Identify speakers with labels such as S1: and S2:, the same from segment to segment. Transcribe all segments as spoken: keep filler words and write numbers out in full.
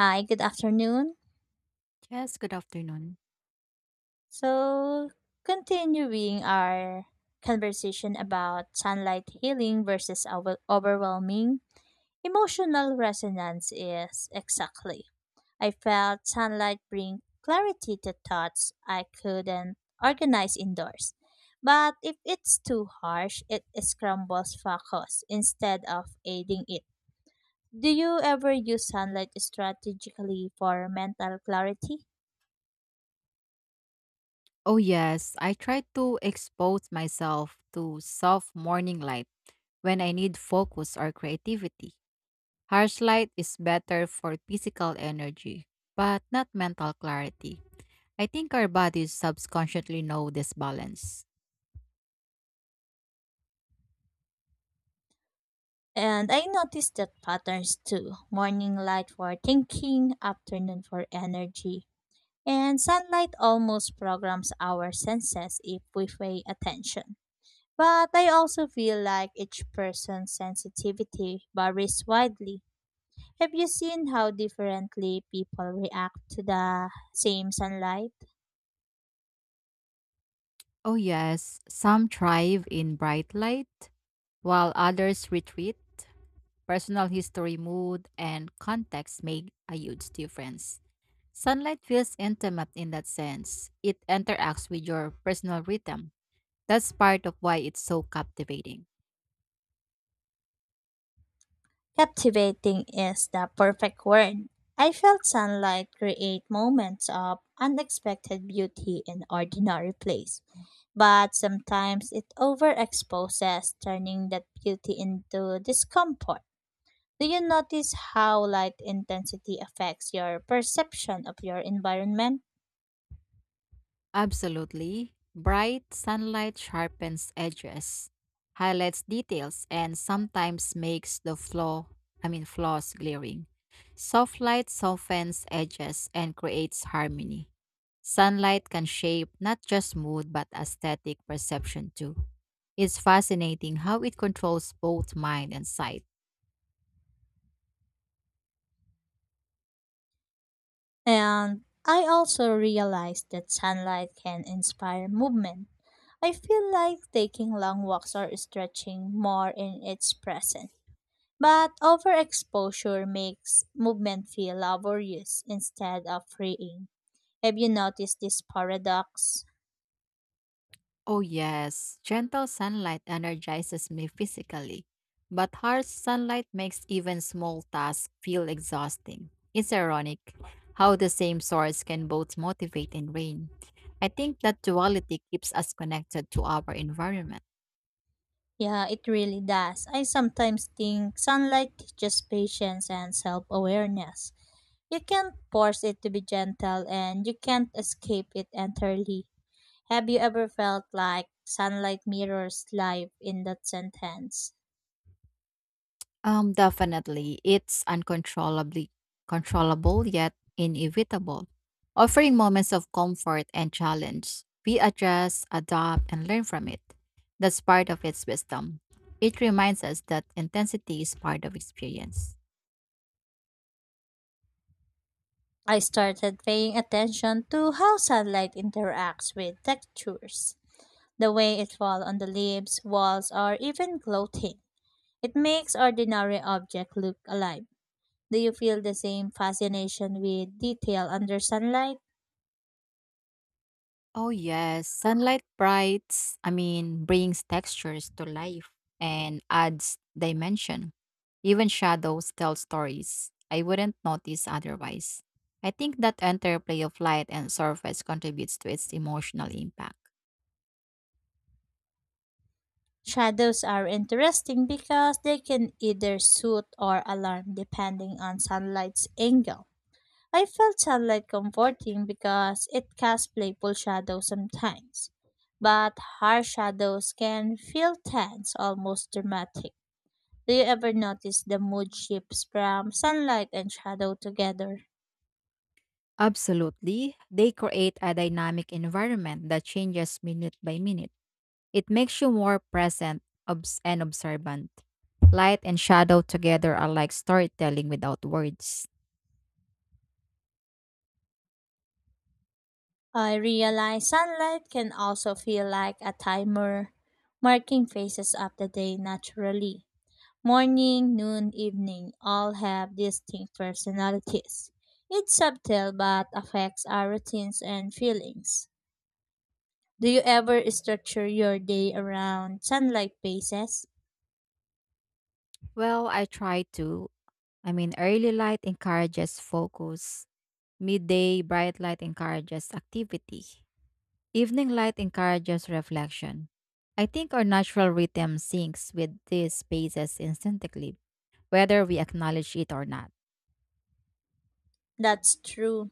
S1: Hi, good afternoon.
S2: Yes, good afternoon.
S1: So, continuing our conversation about sunlight healing versus over- overwhelming emotional resonance is exactly. I felt sunlight bring clarity to thoughts I couldn't organize indoors. But if it's too harsh, it scrambles focus instead of aiding it. Do you ever use sunlight strategically for mental clarity?
S2: Oh, yes, I try to expose myself to soft morning light when I need focus or creativity. Harsh light is better for physical energy, but not mental clarity. I think our bodies subconsciously know this balance.
S1: And I noticed that patterns too. Morning light for thinking, afternoon for energy, and sunlight almost programs our senses if we pay attention. But I also feel like each person's sensitivity varies widely. Have you seen how differently people react to the same sunlight?
S2: Oh, yes, some thrive in bright light, while others retreat. Personal history, mood, and context make a huge difference. Sunlight feels intimate in that sense, it interacts with your personal rhythm. That's part of why it's so captivating.
S1: Captivating is the perfect word. I felt sunlight create moments of unexpected beauty in ordinary place, but sometimes it overexposes, turning that beauty into discomfort. Do you notice how light intensity affects your perception of your environment?
S2: Absolutely. Bright sunlight sharpens edges, highlights details, and sometimes makes the flaw, I mean flaws glaring. Soft light softens edges and creates harmony. Sunlight can shape not just mood but aesthetic perception too. It's fascinating how it controls both mind and sight.
S1: And I also realized that sunlight can inspire movement. I feel like taking long walks or stretching more in its presence. But overexposure makes movement feel laborious instead of freeing. Have you noticed this paradox?
S2: Oh, yes. Gentle sunlight energizes me physically, but harsh sunlight makes even small tasks feel exhausting. It's ironic how the same source can both motivate and drain. I think that duality keeps us connected to our environment.
S1: Yeah, it really does. I sometimes think sunlight teaches patience and self awareness. You can't force it to be gentle and you can't escape it entirely. Have you ever felt like sunlight mirrors life in that sentence?
S2: Um, definitely. It's uncontrollably controllable yet inevitable, offering moments of comfort and challenge. We adjust, adapt, and learn from it. That's part of its wisdom. It reminds us that intensity is part of experience.
S1: I started paying attention to how sunlight interacts with textures. The way it falls on the leaves, walls, or even clothing. It makes ordinary objects look alive. Do you feel the same fascination with detail under sunlight?
S2: Oh, yes. Sunlight brights, I mean, brings textures to life and adds dimension. Even shadows tell stories I wouldn't notice otherwise. I think that interplay of light and surface contributes to its emotional impact.
S1: Shadows are interesting because they can either soothe or alarm depending on sunlight's angle. I felt sunlight comforting because it casts playful shadows sometimes, but harsh shadows can feel tense, almost dramatic. Do you ever notice the mood shifts from sunlight and shadow together?
S2: Absolutely. They create a dynamic environment that changes minute by minute. It makes you more present obs- and observant. Light and shadow together are like storytelling without words.
S1: I realize sunlight can also feel like a timer, marking phases of the day naturally. Morning, noon, evening all have distinct personalities. It's subtle but affects our routines and feelings. Do you ever structure your day around sunlight phases?
S2: Well, I try to. I mean, early light encourages focus, midday bright light encourages activity, evening light encourages reflection. I think our natural rhythm syncs with these spaces instinctively, whether we acknowledge it or not.
S1: That's true.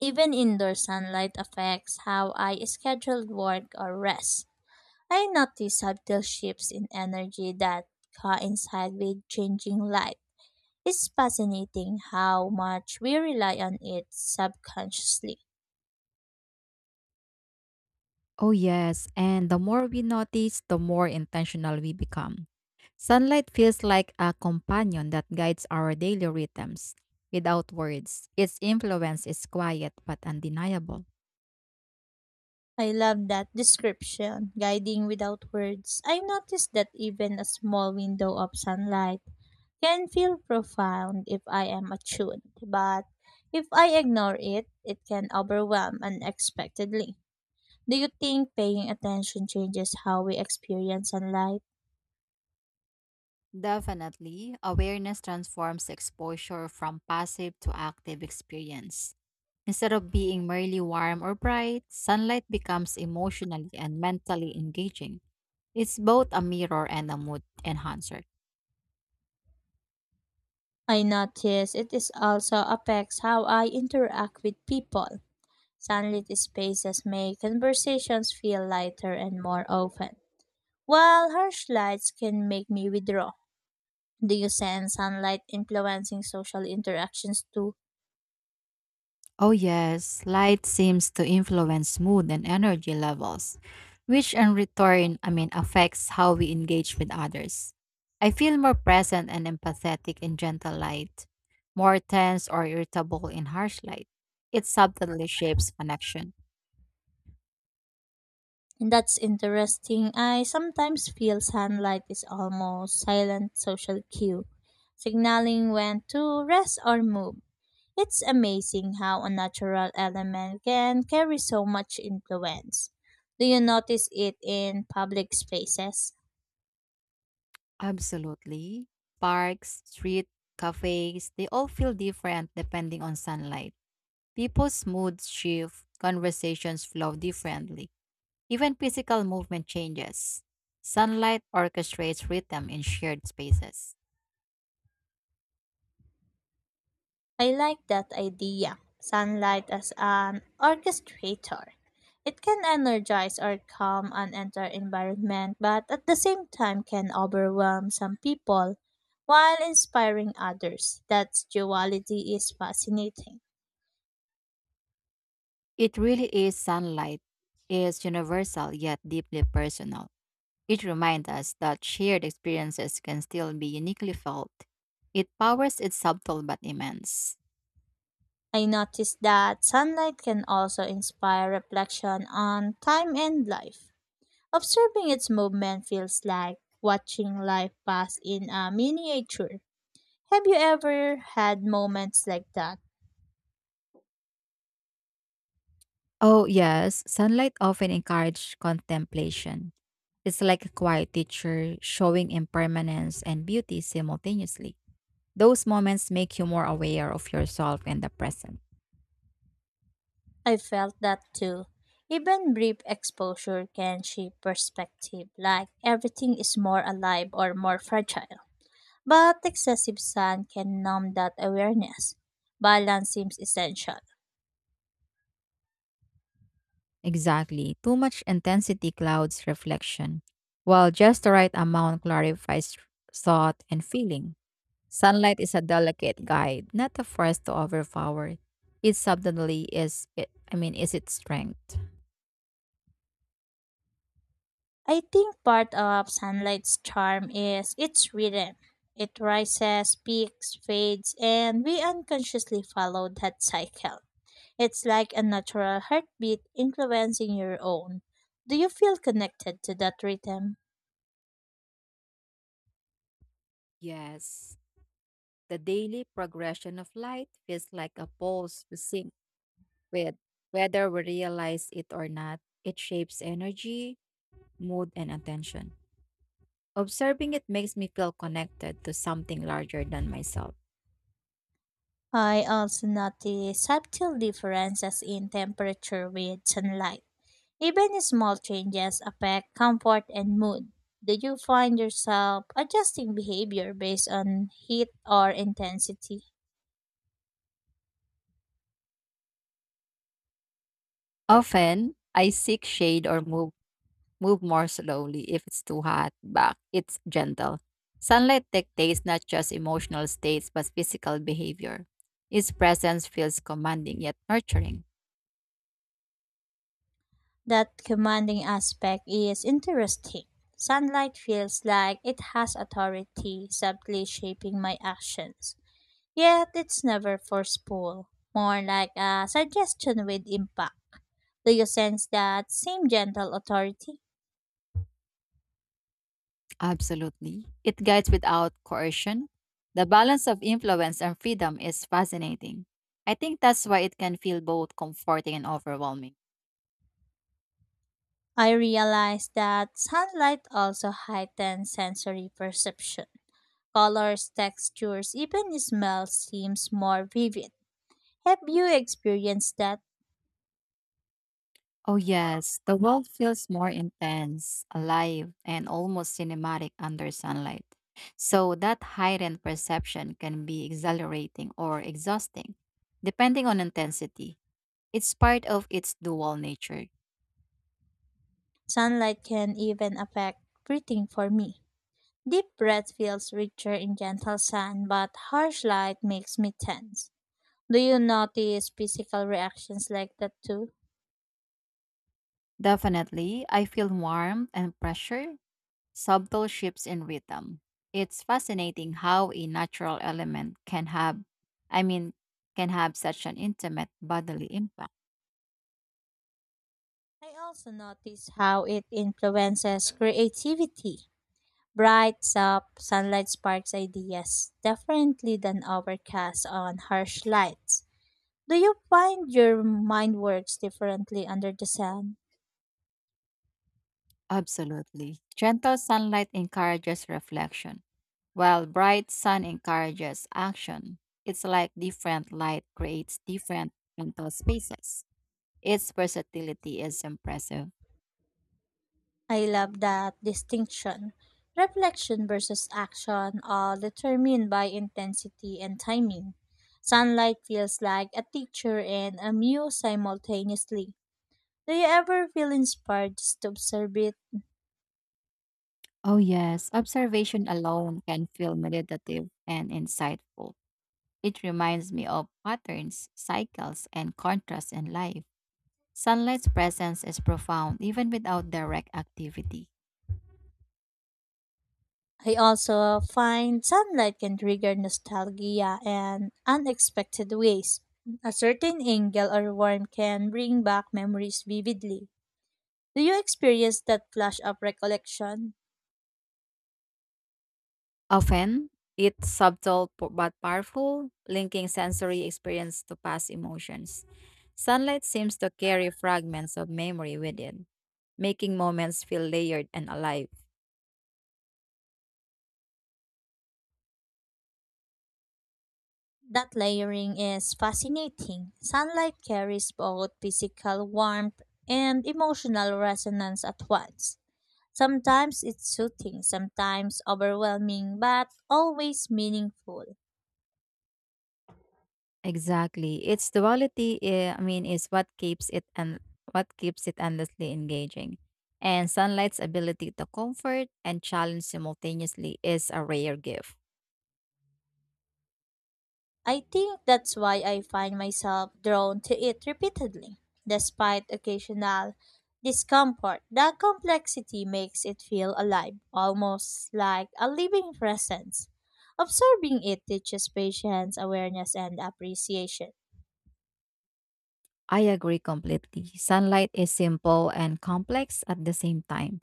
S1: Even indoor sunlight affects how I schedule work or rest. I notice subtle shifts in energy that coincide with changing light. It's fascinating how much we rely on it subconsciously.
S2: Oh, yes. And the more we notice, the more intentional we become. Sunlight feels like a companion that guides our daily rhythms. Without words, its influence is quiet but undeniable.
S1: I love that description, guiding without words. I noticed that even a small window of sunlight can feel profound if I am attuned, but if I ignore it, it can overwhelm unexpectedly. Do you think paying attention changes how we experience sunlight?
S2: Definitely, awareness transforms exposure from passive to active experience. Instead of being merely warm or bright, sunlight becomes emotionally and mentally engaging. It's both a mirror and a mood enhancer.
S1: I notice it is also affects how I interact with people. Sunlit spaces make conversations feel lighter and more open, while harsh lights can make me withdraw. Do you sense sunlight influencing social interactions too?
S2: Oh, yes, light seems to influence mood and energy levels, which in return, I mean, affects how we engage with others. I feel more present and empathetic in gentle light, more tense or irritable in harsh light. It subtly shapes connection.
S1: And that's interesting. I sometimes feel sunlight is almost silent social cue, signaling when to rest or move. It's amazing how a natural element can carry so much influence. Do you notice it in public spaces?
S2: Absolutely. Parks, street, cafes, they all feel different depending on sunlight. People's moods shift, conversations flow differently. Even physical movement changes. Sunlight orchestrates rhythm in shared spaces.
S1: I like that idea. Sunlight as an orchestrator. It can energize or calm an entire environment, but at the same time can overwhelm some people while inspiring others. That duality is fascinating.
S2: It really is, sunlight is universal yet deeply personal. It reminds us that shared experiences can still be uniquely felt. It powers its subtle but immense.
S1: I noticed that sunlight can also inspire reflection on time and life. Observing its movement feels like watching life pass in a miniature. Have you ever had moments like that?
S2: Oh yes, sunlight often encourages contemplation. It's like a quiet teacher showing impermanence and beauty simultaneously. Those moments make you more aware of yourself and the present.
S1: I felt that too. Even brief exposure can shape perspective, like everything is more alive or more fragile. But excessive sun can numb that awareness. Balance seems essential.
S2: Exactly. Too much intensity clouds reflection, while just the right amount clarifies thought and feeling. Sunlight is a delicate guide, not a force to overpower. It subtly is it I mean is its strength.
S1: I think part of sunlight's charm is its rhythm. It rises, peaks, fades, and we unconsciously follow that cycle. It's like a natural heartbeat influencing your own. Do you feel connected to that rhythm?
S2: Yes. The daily progression of light feels like a pulse we sync with. Whether we realize it or not, it shapes energy, mood, and attention. Observing it makes me feel connected to something larger than myself.
S1: I also notice subtle differences in temperature with sunlight. Even small changes affect comfort and mood. Do you find yourself adjusting behavior based on heat or intensity?
S2: Often, I seek shade or move move more slowly if it's too hot, but it's gentle. Sunlight dictates not just emotional states but physical behavior. Its presence feels commanding yet nurturing.
S1: That commanding aspect is interesting. Sunlight feels like it has authority, subtly shaping my actions. Yet it's never forceful, more like a suggestion with impact. Do you sense that same gentle authority?
S2: Absolutely. It guides without coercion. The balance of influence and freedom is fascinating. I think that's why it can feel both comforting and overwhelming.
S1: I realize that sunlight also heightens sensory perception. Colors, textures, even smells seems more vivid. Have you experienced that?
S2: Oh, yes, the world feels more intense, alive, and almost cinematic under sunlight. So, that heightened perception can be exhilarating or exhausting, depending on intensity. It's part of its dual nature.
S1: Sunlight can even affect breathing for me. Deep breath feels richer in gentle sun, but harsh light makes me tense. Do you notice physical reactions like that too?
S2: Definitely, I feel warmth and pressure, subtle shifts in rhythm. It's fascinating how a natural element can have, I mean, can have such an intimate bodily impact.
S1: I also notice how it influences creativity. Bright, soft sunlight sparks ideas differently than overcast on harsh lights. Do you find your mind works differently under the sun?
S2: Absolutely. Gentle sunlight encourages reflection, while bright sun encourages action. It's like different light creates different mental spaces. Its versatility is impressive.
S1: I love that distinction. Reflection versus action are determined by intensity and timing. Sunlight feels like a teacher and a muse simultaneously. Do you ever feel inspired just to observe it?
S2: Oh, yes, observation alone can feel meditative and insightful. It reminds me of patterns, cycles, and contrasts in life. Sunlight's presence is profound even without direct activity.
S1: I also find sunlight can trigger nostalgia in unexpected ways. A certain angle or warmth can bring back memories vividly. Do you experience that flash of recollection?
S2: Often, it's subtle p- but powerful, linking sensory experience to past emotions. Sunlight seems to carry fragments of memory with it, making moments feel layered and alive.
S1: That layering is fascinating. Sunlight carries both physical warmth and emotional resonance at once. Sometimes it's soothing, sometimes overwhelming, but always meaningful.
S2: Exactly. Its duality, eh, I mean, is what keeps it and what keeps it endlessly engaging. And sunlight's ability to comfort and challenge simultaneously is a rare gift.
S1: I think that's why I find myself drawn to it repeatedly. Despite occasional discomfort, the complexity makes it feel alive, almost like a living presence. Observing it teaches patience, awareness, and appreciation.
S2: I agree completely. Sunlight is simple and complex at the same time.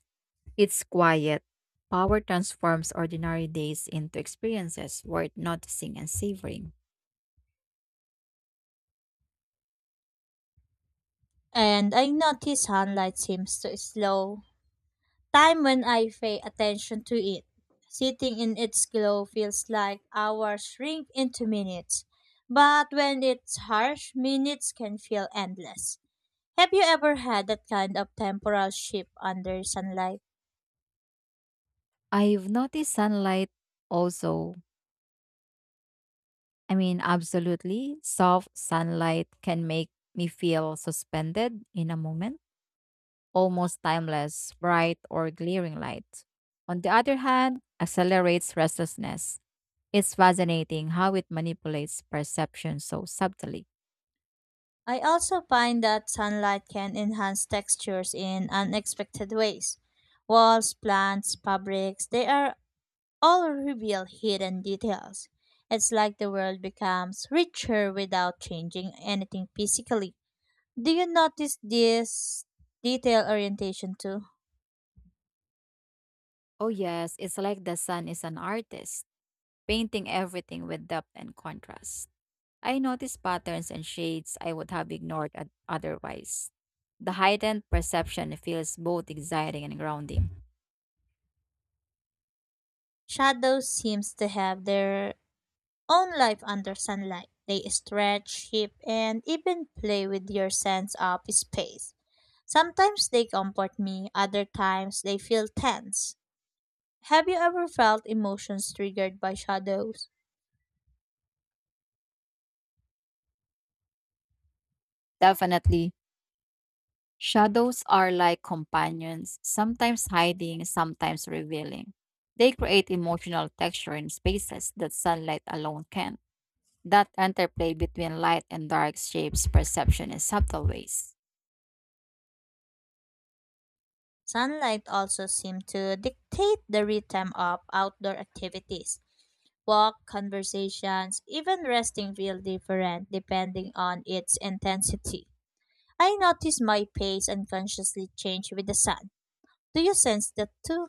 S2: It's quiet. Power transforms ordinary days into experiences worth noticing and savoring.
S1: And I notice sunlight seems to slow time when I pay attention to it. Sitting in its glow feels like hours shrink into minutes. But when it's harsh, minutes can feel endless. Have you ever had that kind of temporal shift under sunlight?
S2: I've noticed sunlight also. I mean, absolutely. Soft sunlight can make me feel suspended in a moment, almost timeless, bright, or glaring light. On the other hand, accelerates restlessness. It's fascinating how it manipulates perception so subtly.
S1: I also find that sunlight can enhance textures in unexpected ways. Walls, plants, fabrics, they are all reveal hidden details. It's like the world becomes richer without changing anything physically. Do you notice this detail orientation too?
S2: Oh, yes, it's like the sun is an artist painting everything with depth and contrast. I noticed patterns and shades I would have ignored oth- otherwise. The heightened perception feels both exciting and grounding.
S1: Shadows seems to have their own life under sunlight. They stretch, shape, and even play with your sense of space. Sometimes they comfort me, other times they feel tense. Have you ever felt emotions triggered by shadows?
S2: Definitely, shadows are like companions, sometimes hiding, sometimes revealing. They create emotional texture in spaces that sunlight alone can. That interplay between light and dark shapes perception in subtle ways.
S1: Sunlight also seems to dictate the rhythm of outdoor activities. Walk, conversations, even resting feel different depending on its intensity. I notice my pace unconsciously change with the sun. Do you sense that too?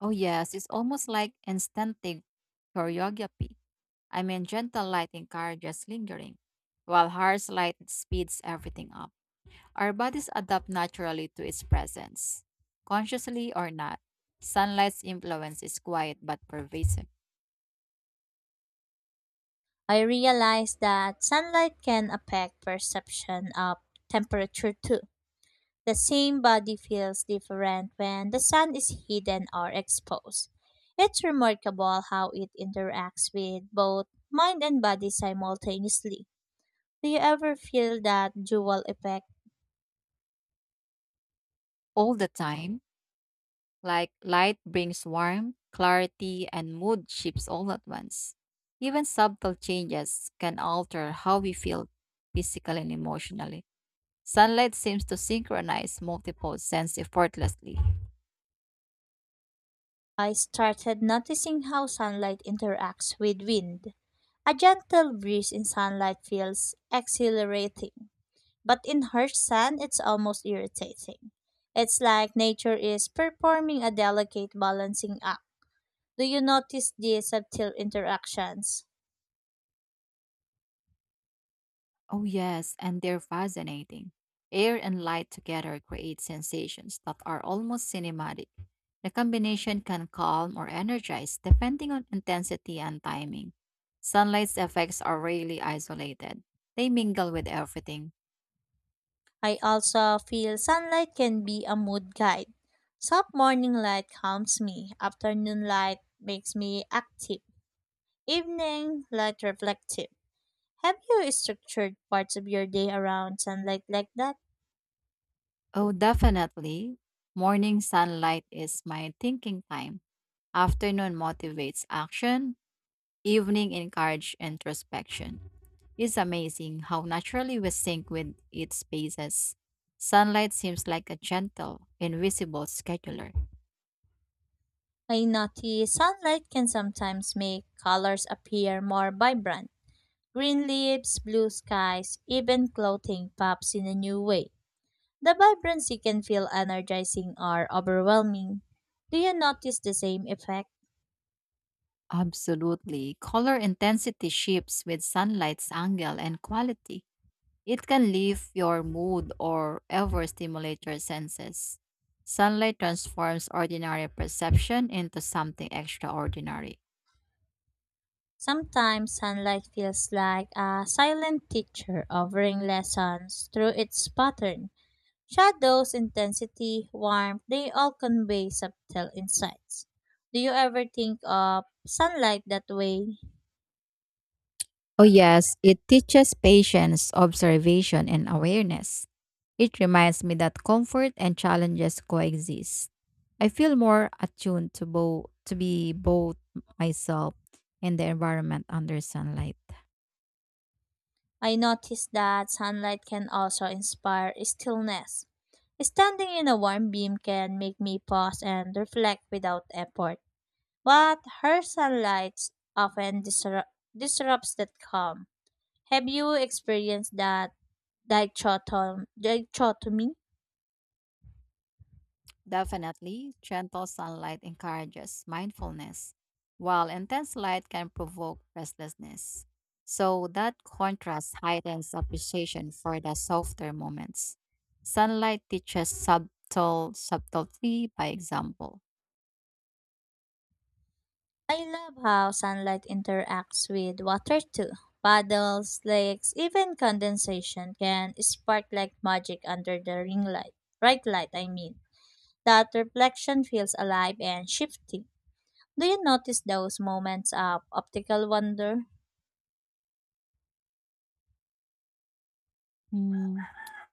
S2: Oh yes, it's almost like instinctive choreography I mean, gentle light encourages lingering, while harsh light speeds everything up. Our bodies adapt naturally to its presence, consciously or not. Sunlight's influence is quiet but pervasive
S1: I realize that sunlight can affect perception of temperature too. The same body feels different when the sun is hidden or exposed. It's remarkable how it interacts with both mind and body simultaneously. Do you ever feel that dual effect?
S2: all the time. Like light brings warmth, clarity, and mood shifts all at once. Even subtle changes can alter how we feel physically and emotionally. Sunlight seems to synchronize multiple senses effortlessly.
S1: I started noticing how sunlight interacts with wind. A gentle breeze in sunlight feels exhilarating, but in harsh sand, it's almost irritating. It's like nature is performing a delicate balancing act. Do you notice these subtle interactions?
S2: Oh, yes, and they're fascinating. Air and light together create sensations that are almost cinematic. The combination can calm or energize depending on intensity and timing. Sunlight's effects are rarely isolated, they mingle with everything.
S1: I also feel sunlight can be a mood guide. Soft morning light calms me, afternoon light makes me active, evening light reflective. Have you structured parts of your day around sunlight like that?
S2: Oh, definitely. Morning sunlight is my thinking time. Afternoon motivates action, evening encouraged introspection. It's amazing how naturally we sync with its spaces. Sunlight seems like a gentle, invisible scheduler.
S1: I notice sunlight can sometimes make colors appear more vibrant. Green leaves, blue skies, even clothing pops in a new way. The vibrancy can feel energizing or overwhelming. Do you notice the same effect?
S2: Absolutely. Color intensity shifts with sunlight's angle and quality. It can lift your mood or ever stimulate your senses. Sunlight transforms ordinary perception into something extraordinary.
S1: Sometimes sunlight feels like a silent teacher offering lessons through its pattern. Shadows, intensity, warmth, they all convey subtle insights. Do you ever think of sunlight that way?
S2: Oh, yes, it teaches patience, observation, and awareness. It reminds me that comfort and challenges coexist. I feel more attuned to both to be both myself and the environment under sunlight.
S1: I noticed that sunlight can also inspire stillness. Standing in a warm beam can make me pause and reflect without effort, but her sunlight often disru- disrupts that calm. Have you experienced that dichotom- dichotomy?
S2: Definitely, gentle sunlight encourages mindfulness, while intense light can provoke restlessness. So, that contrast heightens appreciation for the softer moments. Sunlight teaches subtle subtlety by example.
S1: I love how sunlight interacts with water too. Puddles, lakes, even condensation can spark like magic under the ring light. Right light, I mean. That reflection feels alive and shifting. Do you notice those moments of optical wonder?
S2: Hmm,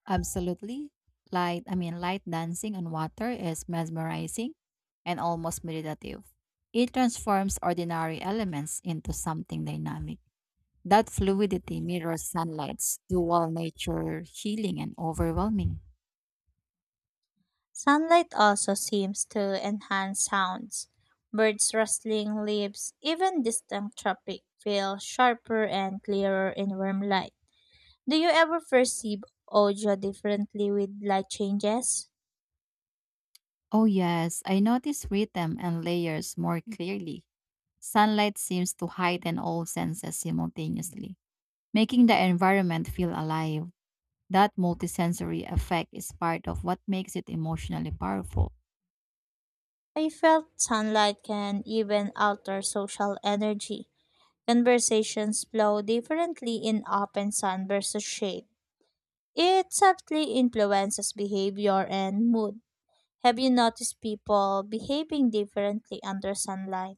S2: absolutely. Light, I mean, light dancing on water is mesmerizing and almost meditative. It transforms ordinary elements into something dynamic. That fluidity mirrors sunlight's dual nature, healing and overwhelming.
S1: Sunlight also seems to enhance sounds. Birds rustling leaves, even distant traffic feel sharper and clearer in warm light. Do you ever perceive audio differently with light changes?
S2: Oh, yes, I notice rhythm and layers more clearly. Sunlight seems to heighten all senses simultaneously, making the environment feel alive. That multisensory effect is part of what makes it emotionally powerful.
S1: I felt sunlight can even alter social energy. Conversations flow differently in open sun versus shade. It subtly influences behavior and mood. Have you noticed people behaving differently under sunlight?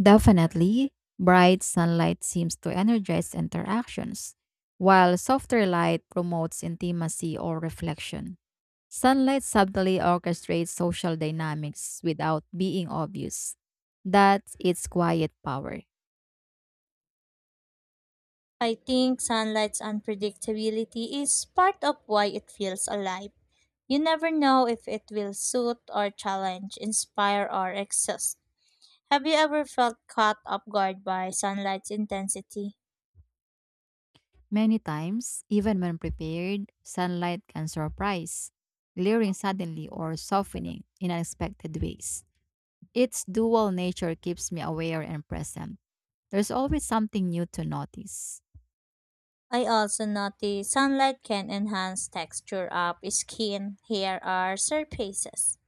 S2: Definitely, bright sunlight seems to energize interactions, while softer light promotes intimacy or reflection. Sunlight subtly orchestrates social dynamics without being obvious. That's its quiet power.
S1: I think sunlight's unpredictability is part of why it feels alive. You never know if it will suit or challenge, inspire or exhaust. Have you ever felt caught off guard by sunlight's intensity?
S2: Many times, even when prepared, sunlight can surprise, glaring suddenly or softening in unexpected ways. Its dual nature keeps me aware and present. There's always something new to notice.
S1: I also noticed sunlight can enhance texture of skin, hair, or surfaces.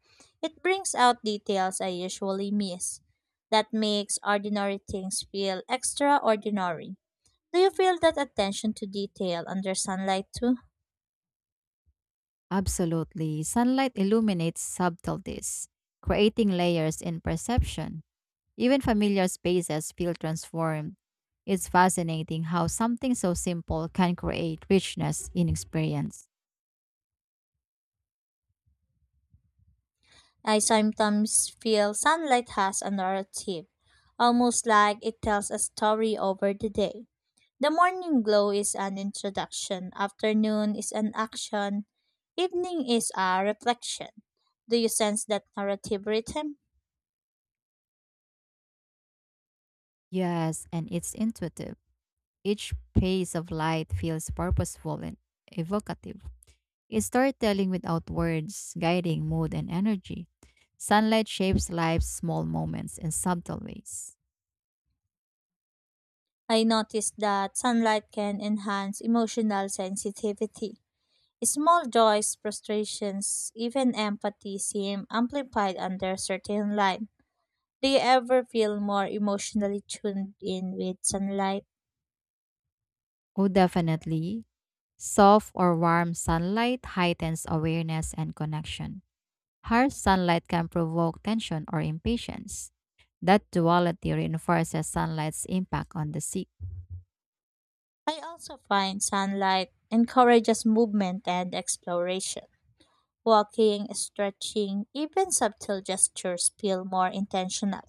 S1: It brings out details I usually miss. That makes ordinary things feel extraordinary. Do you feel that attention to detail under sunlight too?
S2: Absolutely. Sunlight illuminates subtleties, creating layers in perception. Even familiar spaces feel transformed. It's fascinating how something so simple can create richness in experience.
S1: I sometimes feel sunlight has a narrative, almost like it tells a story over the day. The morning glow is an introduction, afternoon is an action, evening is a reflection. Do you sense that narrative rhythm?
S2: Yes, and it's intuitive. Each pace of light feels purposeful and evocative. It's storytelling without words, guiding mood and energy. Sunlight shapes life's small moments in subtle ways.
S1: I noticed that sunlight can enhance emotional sensitivity. Small joys, frustrations, even empathy seem amplified under certain light. Do you ever feel more emotionally tuned in with sunlight?
S2: Oh, definitely. Soft or warm sunlight heightens awareness and connection. Harsh sunlight can provoke tension or impatience. That duality reinforces sunlight's impact on the sick.
S1: I also find sunlight encourages movement and exploration. Walking, stretching, even subtle gestures feel more intentional.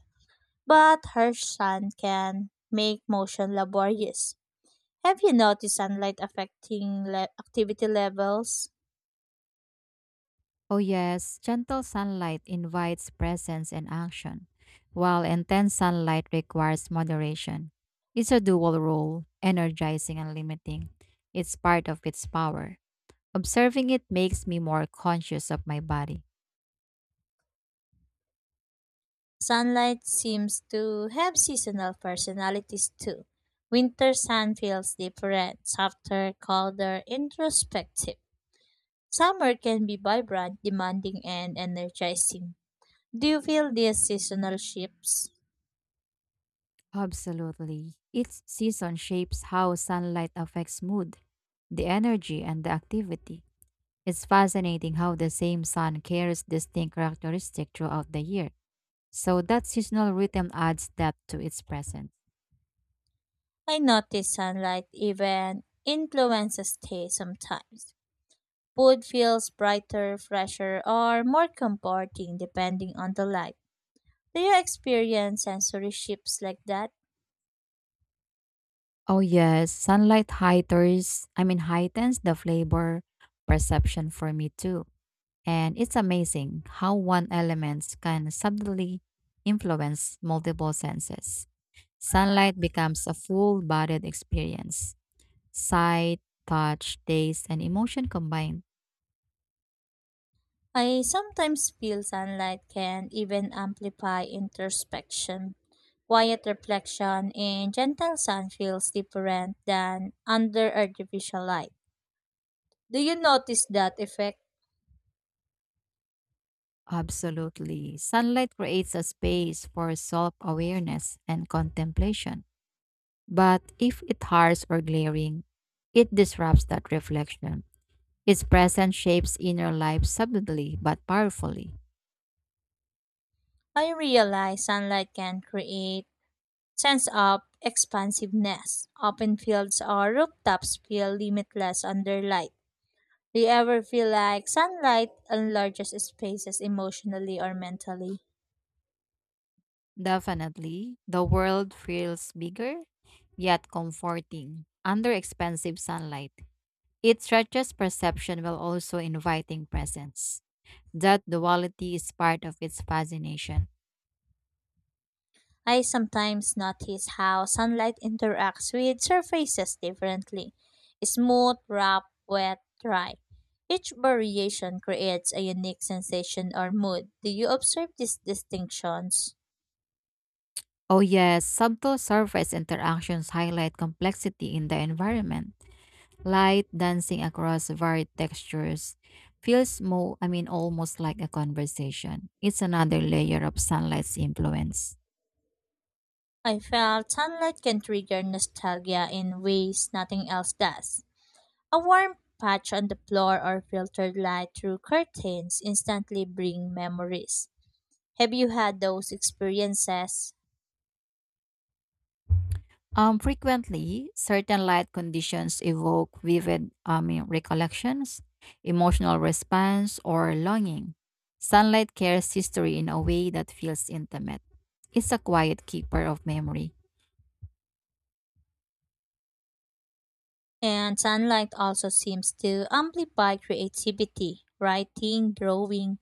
S1: But harsh sun can make motion laborious. Have you noticed sunlight affecting le- activity levels?
S2: Oh, yes, gentle sunlight invites presence and action, while intense sunlight requires moderation. It's a dual role, energizing and limiting. It's part of its power. Observing it makes me more conscious of my body.
S1: Sunlight seems to have seasonal personalities too. Winter sun feels different, softer, colder, introspective. Summer can be vibrant, demanding, and energizing. Do you feel these seasonal shifts?
S2: Absolutely. Each season shapes how sunlight affects mood, the energy, and the activity. It's fascinating how the same sun carries distinct characteristics throughout the year. So that seasonal rhythm adds depth to its presence.
S1: I notice sunlight even influences taste sometimes. Food feels brighter, fresher, or more comforting depending on the light. Do you experience sensory shifts like that?
S2: Oh yes, sunlight heightens, I mean heightens the flavor perception for me too. And it's amazing how one element can subtly influence multiple senses. Sunlight becomes a full bodied experience. Sight, touch, taste, and emotion combined.
S1: I sometimes feel sunlight can even amplify introspection. Quiet reflection in gentle sun feels different than under artificial light. Do you notice that effect?
S2: Absolutely. Sunlight creates a space for self awareness and contemplation. But if it's harsh or glaring, it disrupts that reflection. Its presence shapes inner life subtly but powerfully.
S1: I realize sunlight can create sense of expansiveness. Open fields or rooftops feel limitless under light. Do you ever feel like sunlight enlarges spaces emotionally or mentally?
S2: Definitely, the world feels bigger, yet comforting, under expensive sunlight. It stretches perception while also inviting presence. That duality is part of its fascination.
S1: I sometimes notice how sunlight interacts with surfaces differently smooth, rough, wet, dry. Each variation creates a unique sensation or mood. Do you observe these distinctions?
S2: Oh, yes, subtle surface interactions highlight complexity in the environment. Light dancing across varied textures feels more, I mean, almost like a conversation. It's another layer of sunlight's influence.
S1: I felt sunlight can trigger nostalgia in ways nothing else does. A warm patch on the floor or filtered light through curtains instantly bring memories. Have you had those experiences?
S2: Um, frequently, certain light conditions evoke vivid I mean, recollections, emotional response, or longing. Sunlight carries history in a way that feels intimate. It's a quiet keeper of memory.
S1: And sunlight also seems to amplify creativity. Writing, drawing,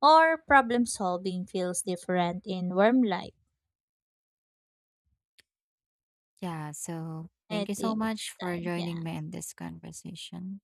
S1: or problem solving feels different in warm light.
S2: Yeah, so thank
S1: I
S2: you so
S1: think
S2: much
S1: it's
S2: for
S1: time.
S2: joining
S1: Yeah.
S2: me in this conversation.